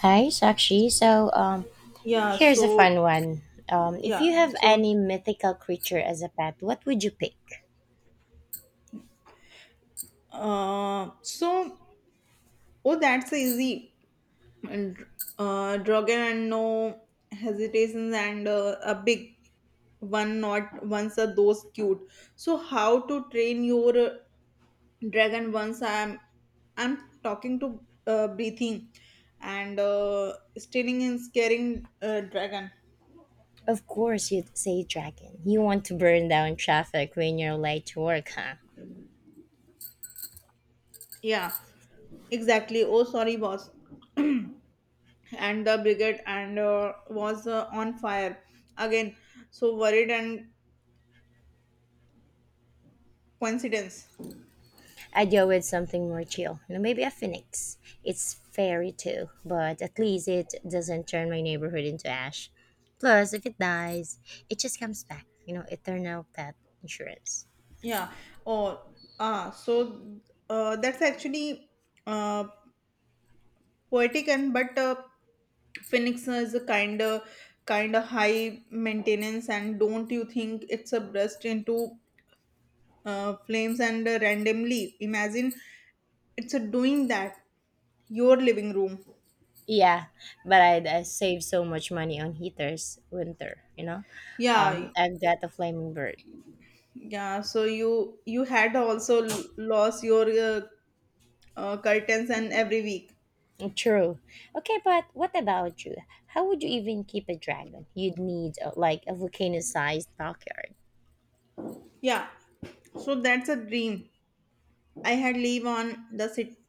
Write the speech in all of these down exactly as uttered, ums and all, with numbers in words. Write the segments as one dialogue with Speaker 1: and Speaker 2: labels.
Speaker 1: Hi, Sakshi. So, um,
Speaker 2: Yeah,
Speaker 1: here's a
Speaker 2: so
Speaker 1: fun one. Um, if
Speaker 2: yeah,
Speaker 1: you have
Speaker 2: so
Speaker 1: any mythical creature as a pet, what would you pick?
Speaker 2: uh, so oh, that's easy. And uh, Dragon and no hesitations and uh, a big one. Not once are those cute. So how to train your uh, dragon? Once I'm I'm talking to uh, breathing and uh, stealing and scaring uh, dragon.
Speaker 1: Of course, you'd say dragon. You want to burn down traffic when you're late to work, huh?
Speaker 2: Yeah, exactly. Oh, sorry, boss. And the brigade and uh, was uh, on fire again, so worried and coincidence.
Speaker 1: I'd go with something more chill. You know, maybe a phoenix. It's fairy too, but at least it doesn't turn my neighborhood into ash. Plus, if it dies, it just comes back. You know, eternal pet insurance.
Speaker 2: Yeah. Oh, ah, so uh, that's actually uh, poetic, and but uh, phoenix is a kind of kind of high maintenance, and don't you think it's a burst into uh, flames and uh, randomly, imagine it's a doing that your living room.
Speaker 1: Yeah, but I'd uh, save so much money on heaters winter, you know?
Speaker 2: Yeah.
Speaker 1: Um, I've got a flaming bird.
Speaker 2: Yeah, so you you had also l- lost your uh, uh, curtains and every week.
Speaker 1: True. Okay, but what about you? How would you even keep a dragon? You'd need uh, like a volcano-sized backyard.
Speaker 2: Yeah, so that's a dream. I had live on the sit-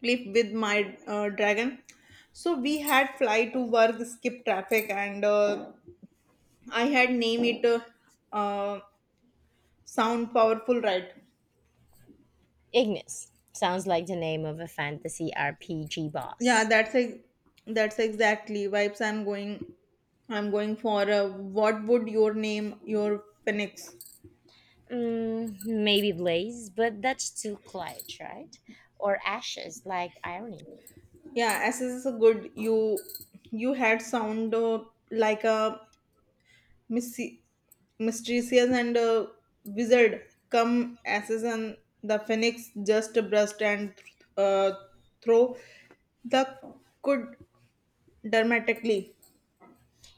Speaker 2: cliff with my uh, dragon. So we had fly to work, skip traffic, and uh, I had name it uh, uh, sound powerful, right?
Speaker 1: Ignis. Sounds like the name of a fantasy R P G
Speaker 2: Yeah,
Speaker 1: boss.
Speaker 2: that's a that's exactly vibes. I'm going. I'm going for uh, what would your name your phoenix?
Speaker 1: Mm, maybe Blaze, but that's too clutch, right? Or Ashes, like Irony.
Speaker 2: Yeah, as is a good, you you had sound uh, like a mysti- mysterious and uh, wizard come as is, and the phoenix just burst and uh, throw the could dramatically.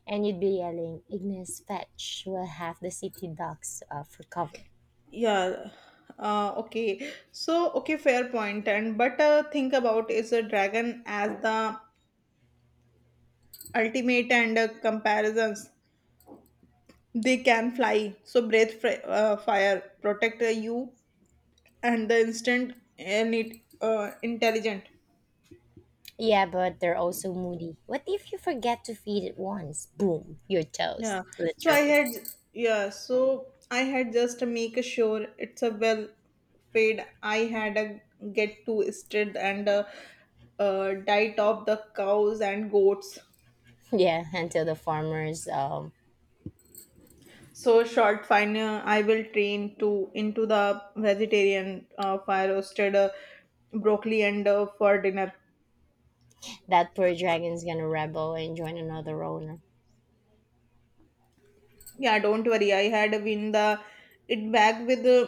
Speaker 1: And you'd be yelling, Ignis, fetch, while half the city ducks uh, for cover.
Speaker 2: Yeah. Uh, okay. So okay, fair point. And but uh, think about is a dragon as the ultimate and uh, comparisons. They can fly, so breathe fr- uh, fire, protect uh, you and the instant, and it uh, intelligent.
Speaker 1: Yeah, but they're also moody. What if you forget to feed it once? Boom, you're
Speaker 2: Yeah,
Speaker 1: toast,
Speaker 2: so i
Speaker 1: literally.
Speaker 2: had yeah so i had just to make sure it's a well fade, I had a get to stirred and uh, uh, diet of the cows and goats.
Speaker 1: Yeah, until the farmers, um,
Speaker 2: So short fine, uh, I will train to into the vegetarian uh, fire roasted uh, broccoli and uh, for dinner.
Speaker 1: that poor dragon's gonna rebel and join another owner.
Speaker 2: Yeah, don't worry, I had been the it back with uh,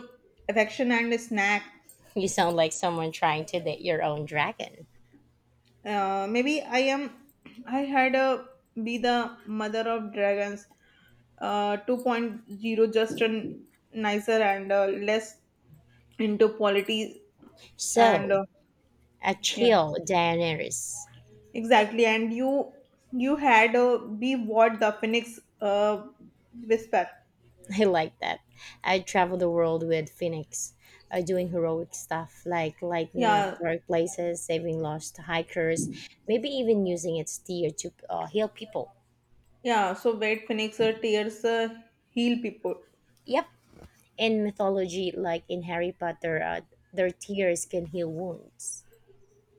Speaker 2: affection and snack.
Speaker 1: You sound like someone trying to date your own dragon.
Speaker 2: Uh, maybe I am. I had a be the mother of dragons, uh, two point zero, just a nicer and uh, less into politics and
Speaker 1: So,
Speaker 2: uh,
Speaker 1: a
Speaker 2: yeah,
Speaker 1: chill Daenerys.
Speaker 2: exactly. And you you had uh, be what the phoenix uh, whisper.
Speaker 1: I like that. I travel the world with Phoenix, uh, doing heroic stuff like lighting up
Speaker 2: Yeah,
Speaker 1: dark places, saving lost hikers, maybe even using its tear to uh, heal people.
Speaker 2: yeah. So wait, phoenix uh, tears uh, heal people.
Speaker 1: Yep, in mythology, like in Harry Potter, uh, their tears can heal wounds.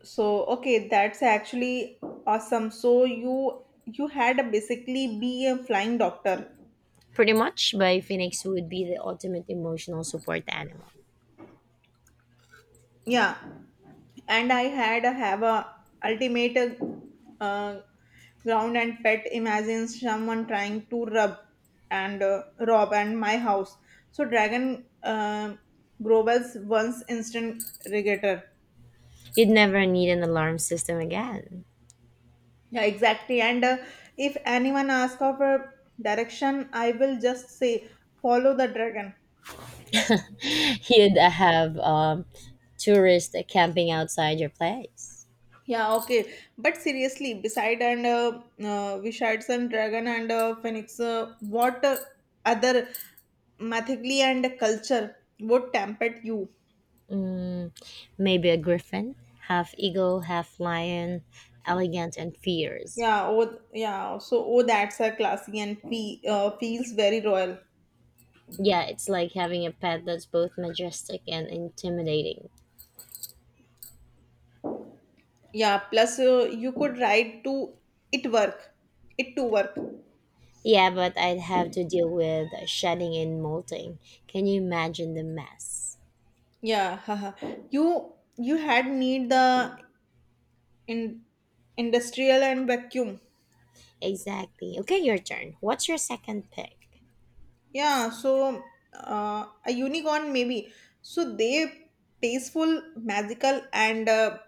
Speaker 2: So okay, that's actually awesome. So you you had a basically be a flying doctor.
Speaker 1: Pretty much, by Phoenix would be the ultimate emotional support animal.
Speaker 2: Yeah, and I had a have a ultimate uh, ground and pet, imagine someone trying to rub and uh, rob and my house, so dragon uh, grobel's once instant regator.
Speaker 1: You'd never need an alarm system again.
Speaker 2: Yeah, exactly, and uh, if anyone asks for a direction, I will just say follow the dragon.
Speaker 1: You'd have um, tourists camping outside your place.
Speaker 2: Yeah, okay. But seriously, beside and uh, uh, Vishards and Dragon and uh, Phoenix, uh, what uh, other mythically and culture would tempt you?
Speaker 1: Mm, maybe a griffin, half eagle, half lion, elegant and fierce.
Speaker 2: Yeah, oh, yeah. So, oh, that's a classy and fe- uh, feels very royal.
Speaker 1: Yeah, it's like having a pet that's both majestic and intimidating.
Speaker 2: Yeah, plus uh, you could ride to it work, it to work.
Speaker 1: Yeah, but I'd have to deal with shedding and molting. Can you imagine the mess?
Speaker 2: Yeah, haha. You you had need the in industrial and vacuum.
Speaker 1: Exactly. Okay, your turn. What's your second pick?
Speaker 2: Yeah, so uh, a unicorn maybe. So they tasteful, magical, and uh,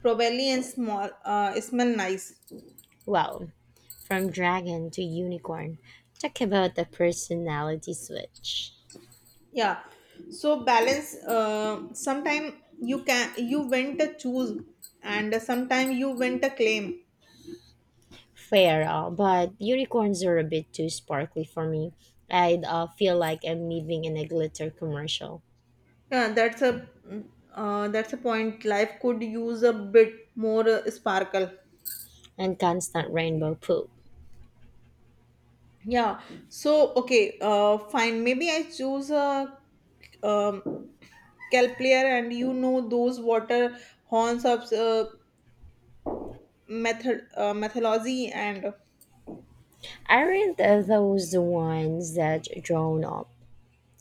Speaker 2: probably and small. Uh, smell nice.
Speaker 1: Wow. From dragon to unicorn. Talk about the personality switch.
Speaker 2: Yeah. So balance. Uh, sometime you can you went to choose, and sometime you went to claim.
Speaker 1: Fair, uh, but unicorns are a bit too sparkly for me. I'd uh, feel like I'm living in a glitter commercial
Speaker 2: Yeah, that's a mm, uh, that's a point. Life could use a bit more uh, sparkle.
Speaker 1: and constant rainbow poop.
Speaker 2: Yeah. So okay, uh fine. Maybe I choose a um calculator, and you know those water horns of uh, method uh, methodology and
Speaker 1: Aren't uh, those the ones that drown up?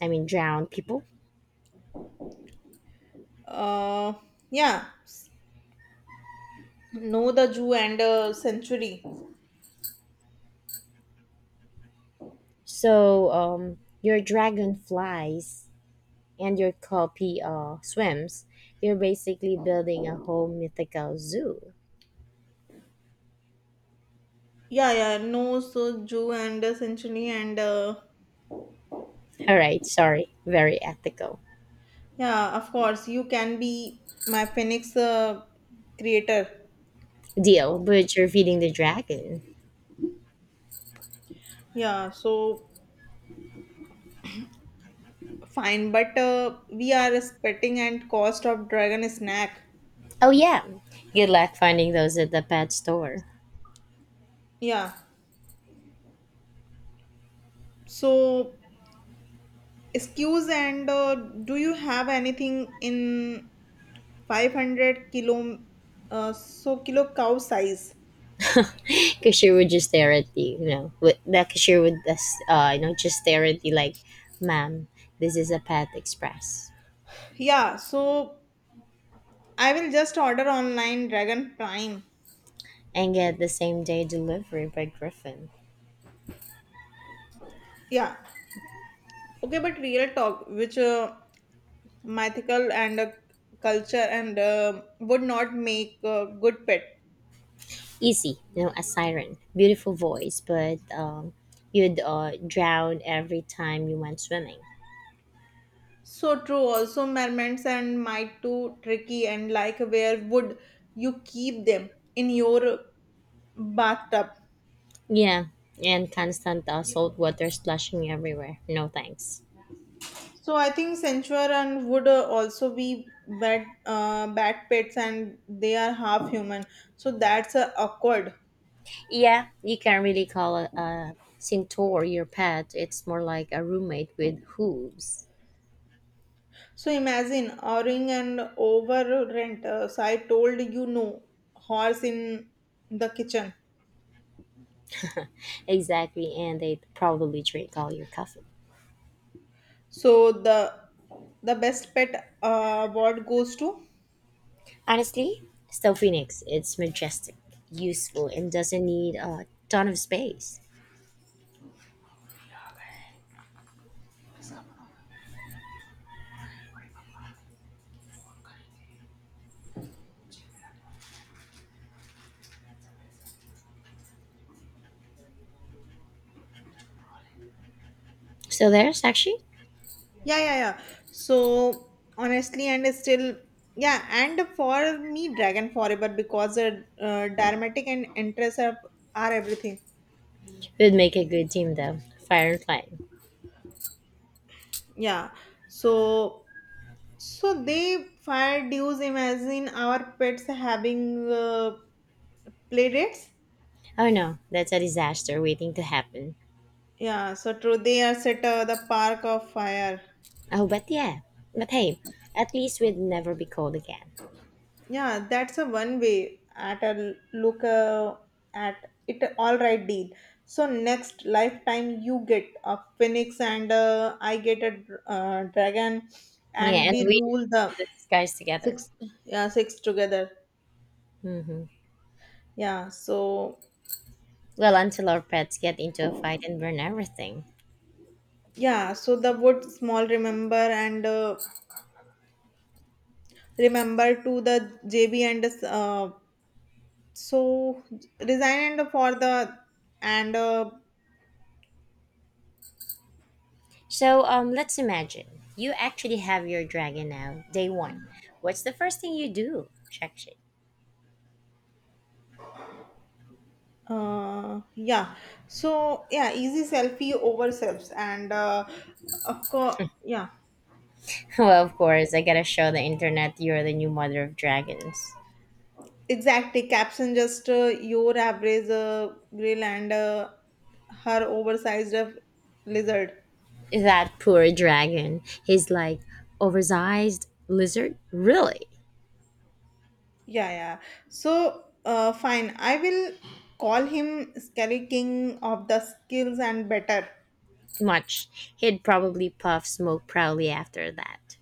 Speaker 1: I mean, drown people?
Speaker 2: uh yeah, know the Jew and uh, century.
Speaker 1: So um, your dragon flies and your copy uh, swims. You're basically building a whole mythical zoo.
Speaker 2: Yeah, yeah, no, so Jew and uh, century, and uh,
Speaker 1: All right, sorry, very ethical
Speaker 2: yeah, of course you can be my Phoenix uh, creator.
Speaker 1: deal, but you're feeding the dragon.
Speaker 2: Yeah, so fine, but uh, we are respecting and cost of dragon snack.
Speaker 1: Oh yeah, good luck finding those at the pet store.
Speaker 2: Yeah. So excuse and uh, do you have anything in five hundred kilo, uh, so kilo cow size?
Speaker 1: Cashier would just stare at you, you know. with- The cashier would just, uh, you know, just stare at you like, "Ma'am, this is a Pet Express,"
Speaker 2: Yeah. So I will just order online dragon prime.
Speaker 1: and get the same day delivery by Griffin.
Speaker 2: Yeah. Okay, but real talk, which uh, mythical and uh, culture and uh, would not make uh, good pet.
Speaker 1: Easy, you know, a siren. Beautiful voice, but um, you'd uh, drown every time you went swimming.
Speaker 2: So true. Also, mermaids and might too tricky. And like, where would you keep them in your bathtub?
Speaker 1: Yeah, and constant uh, salt water splashing everywhere. No thanks.
Speaker 2: So I think censure and would uh, also be bad, uh, bad pets, and they are half human. So that's uh, awkward.
Speaker 1: Yeah, you can not really call a, a centaur your pet. It's more like a roommate with hooves.
Speaker 2: So imagine owning and over rent. Uh, so I told you no horse in the kitchen.
Speaker 1: Exactly, and they probably drink all your coffee.
Speaker 2: So the the best pet uh, award goes to.
Speaker 1: Honestly, still Phoenix. It's majestic, useful, and doesn't need a ton of space. So there's actually
Speaker 2: Yeah, yeah, yeah. So honestly, and it's still, yeah, and for me, Dragon Forever, because uh, uh, dramatic and interest are, are everything.
Speaker 1: would make a good team though. Firefly.
Speaker 2: Yeah. So so they fired use, imagine our pets having uh, play dates.
Speaker 1: Oh no, that's a disaster waiting to happen.
Speaker 2: Yeah. So true. They are set uh, the park of fire.
Speaker 1: Oh, but yeah. But hey, at least we'd never be cold again.
Speaker 2: Yeah, that's a one way at a l- look uh, at it. All right, deal. So next lifetime you get a phoenix and uh, I get a dr- uh, dragon,
Speaker 1: Yeah,
Speaker 2: and
Speaker 1: and
Speaker 2: we
Speaker 1: we
Speaker 2: rule the.
Speaker 1: the skies together.
Speaker 2: Yeah, six together. Yeah, so
Speaker 1: Well, until our pets get into a fight and burn everything.
Speaker 2: yeah, so the word small, remember and uh, remember to the jb and uh, so resign and for the and uh,
Speaker 1: So, um, let's imagine you actually have your dragon now, day one. What's the first thing you do? Check
Speaker 2: uh yeah, so yeah, easy selfie over selfs and uh of course, yeah.
Speaker 1: Well, of course, I gotta show the internet you're the new mother of dragons.
Speaker 2: Exactly, caption just uh, your average uh, grill and uh, her oversized uh, lizard.
Speaker 1: That poor dragon. He's like oversized lizard. Really?
Speaker 2: Yeah, yeah, so uh fine, I will call him Skelly, king of the skills, and better.
Speaker 1: Much. He'd probably puff smoke proudly after that.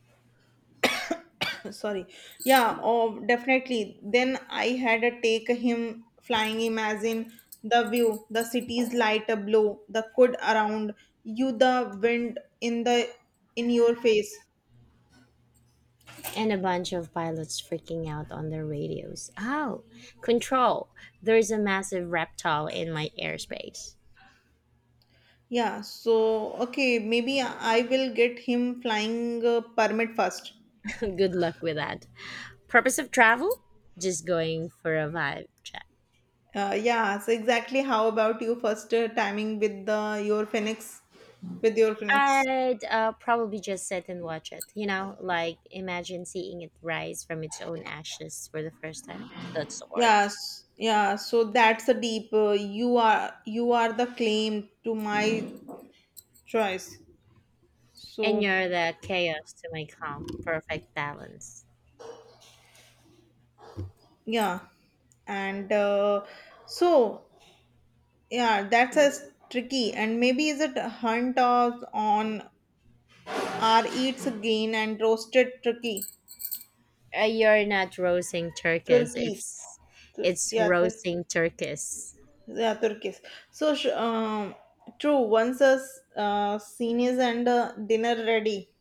Speaker 2: Sorry. Yeah. Oh, definitely. Then I had a take him flying, imagine the view, the city's light a blow the could around you, the wind in the in your face.
Speaker 1: And a bunch of pilots freaking out on their radios. Oh, control. There's a massive reptile in my airspace.
Speaker 2: Yeah, so okay, maybe I will get him flying uh, permit first.
Speaker 1: Good luck with that. Purpose of travel? Just going for a vibe check.
Speaker 2: Uh, yeah, so exactly, how about you first uh, timing with the your phoenix with your phoenix
Speaker 1: I'd uh, probably just sit and watch it. You know, like imagine seeing it rise from its own ashes for the first time. That's the art.
Speaker 2: Yes, yeah. So that's a deep. Uh, you are you are the claim to my choice.
Speaker 1: And
Speaker 2: So
Speaker 1: you're the chaos to my calm, perfect balance.
Speaker 2: yeah, and uh, so yeah, that's a tricky. And maybe is it a hunt or on our eats again and roasted turkey
Speaker 1: Uh, you're not roasting turkeys.
Speaker 2: turkeys.
Speaker 1: It's
Speaker 2: Tur-
Speaker 1: it's
Speaker 2: Yeah, that's
Speaker 1: roasting turkeys.
Speaker 2: yeah turkeys. So sh- um, true. Once a s- uh, seniors and uh, dinner ready.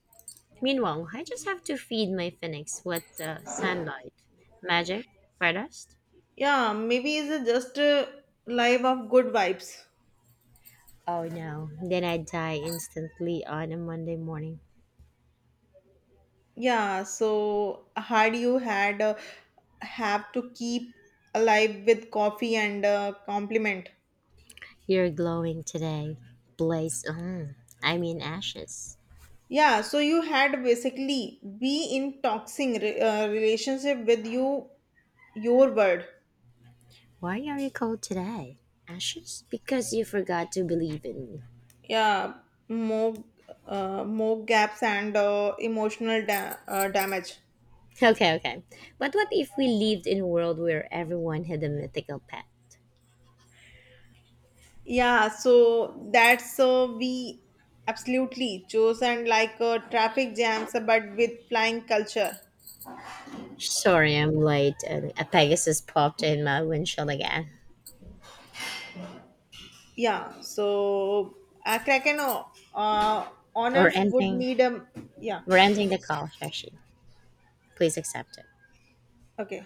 Speaker 1: Meanwhile, I just have to feed my phoenix with uh, sunlight, magic, stardust.
Speaker 2: Yeah, maybe it's just a life of good vibes.
Speaker 1: Oh no! Then I'd die instantly on a Monday morning.
Speaker 2: Yeah, so had you had uh, have to keep alive with coffee and uh, compliment.
Speaker 1: You're glowing today. Blaze on. I mean ashes.
Speaker 2: Yeah, so you had basically be in toxic re- uh, relationship with you, your word.
Speaker 1: Why are you cold today? Ashes? Because you forgot to believe in me.
Speaker 2: Yeah, more uh, more gaps and uh, emotional da- uh, damage.
Speaker 1: Okay, okay. But what if we lived in a world where everyone had a mythical pet?
Speaker 2: Yeah, so that's so we absolutely chosen, like uh, traffic jams, but with flying culture.
Speaker 1: Sorry, I'm late. And A Pegasus popped in my windshield again.
Speaker 2: Yeah, so uh, Kraken uh, uh,
Speaker 1: Or
Speaker 2: honors would
Speaker 1: ending.
Speaker 2: need a. Yeah.
Speaker 1: We're ending the call, Sakshi. Please accept it.
Speaker 2: Okay.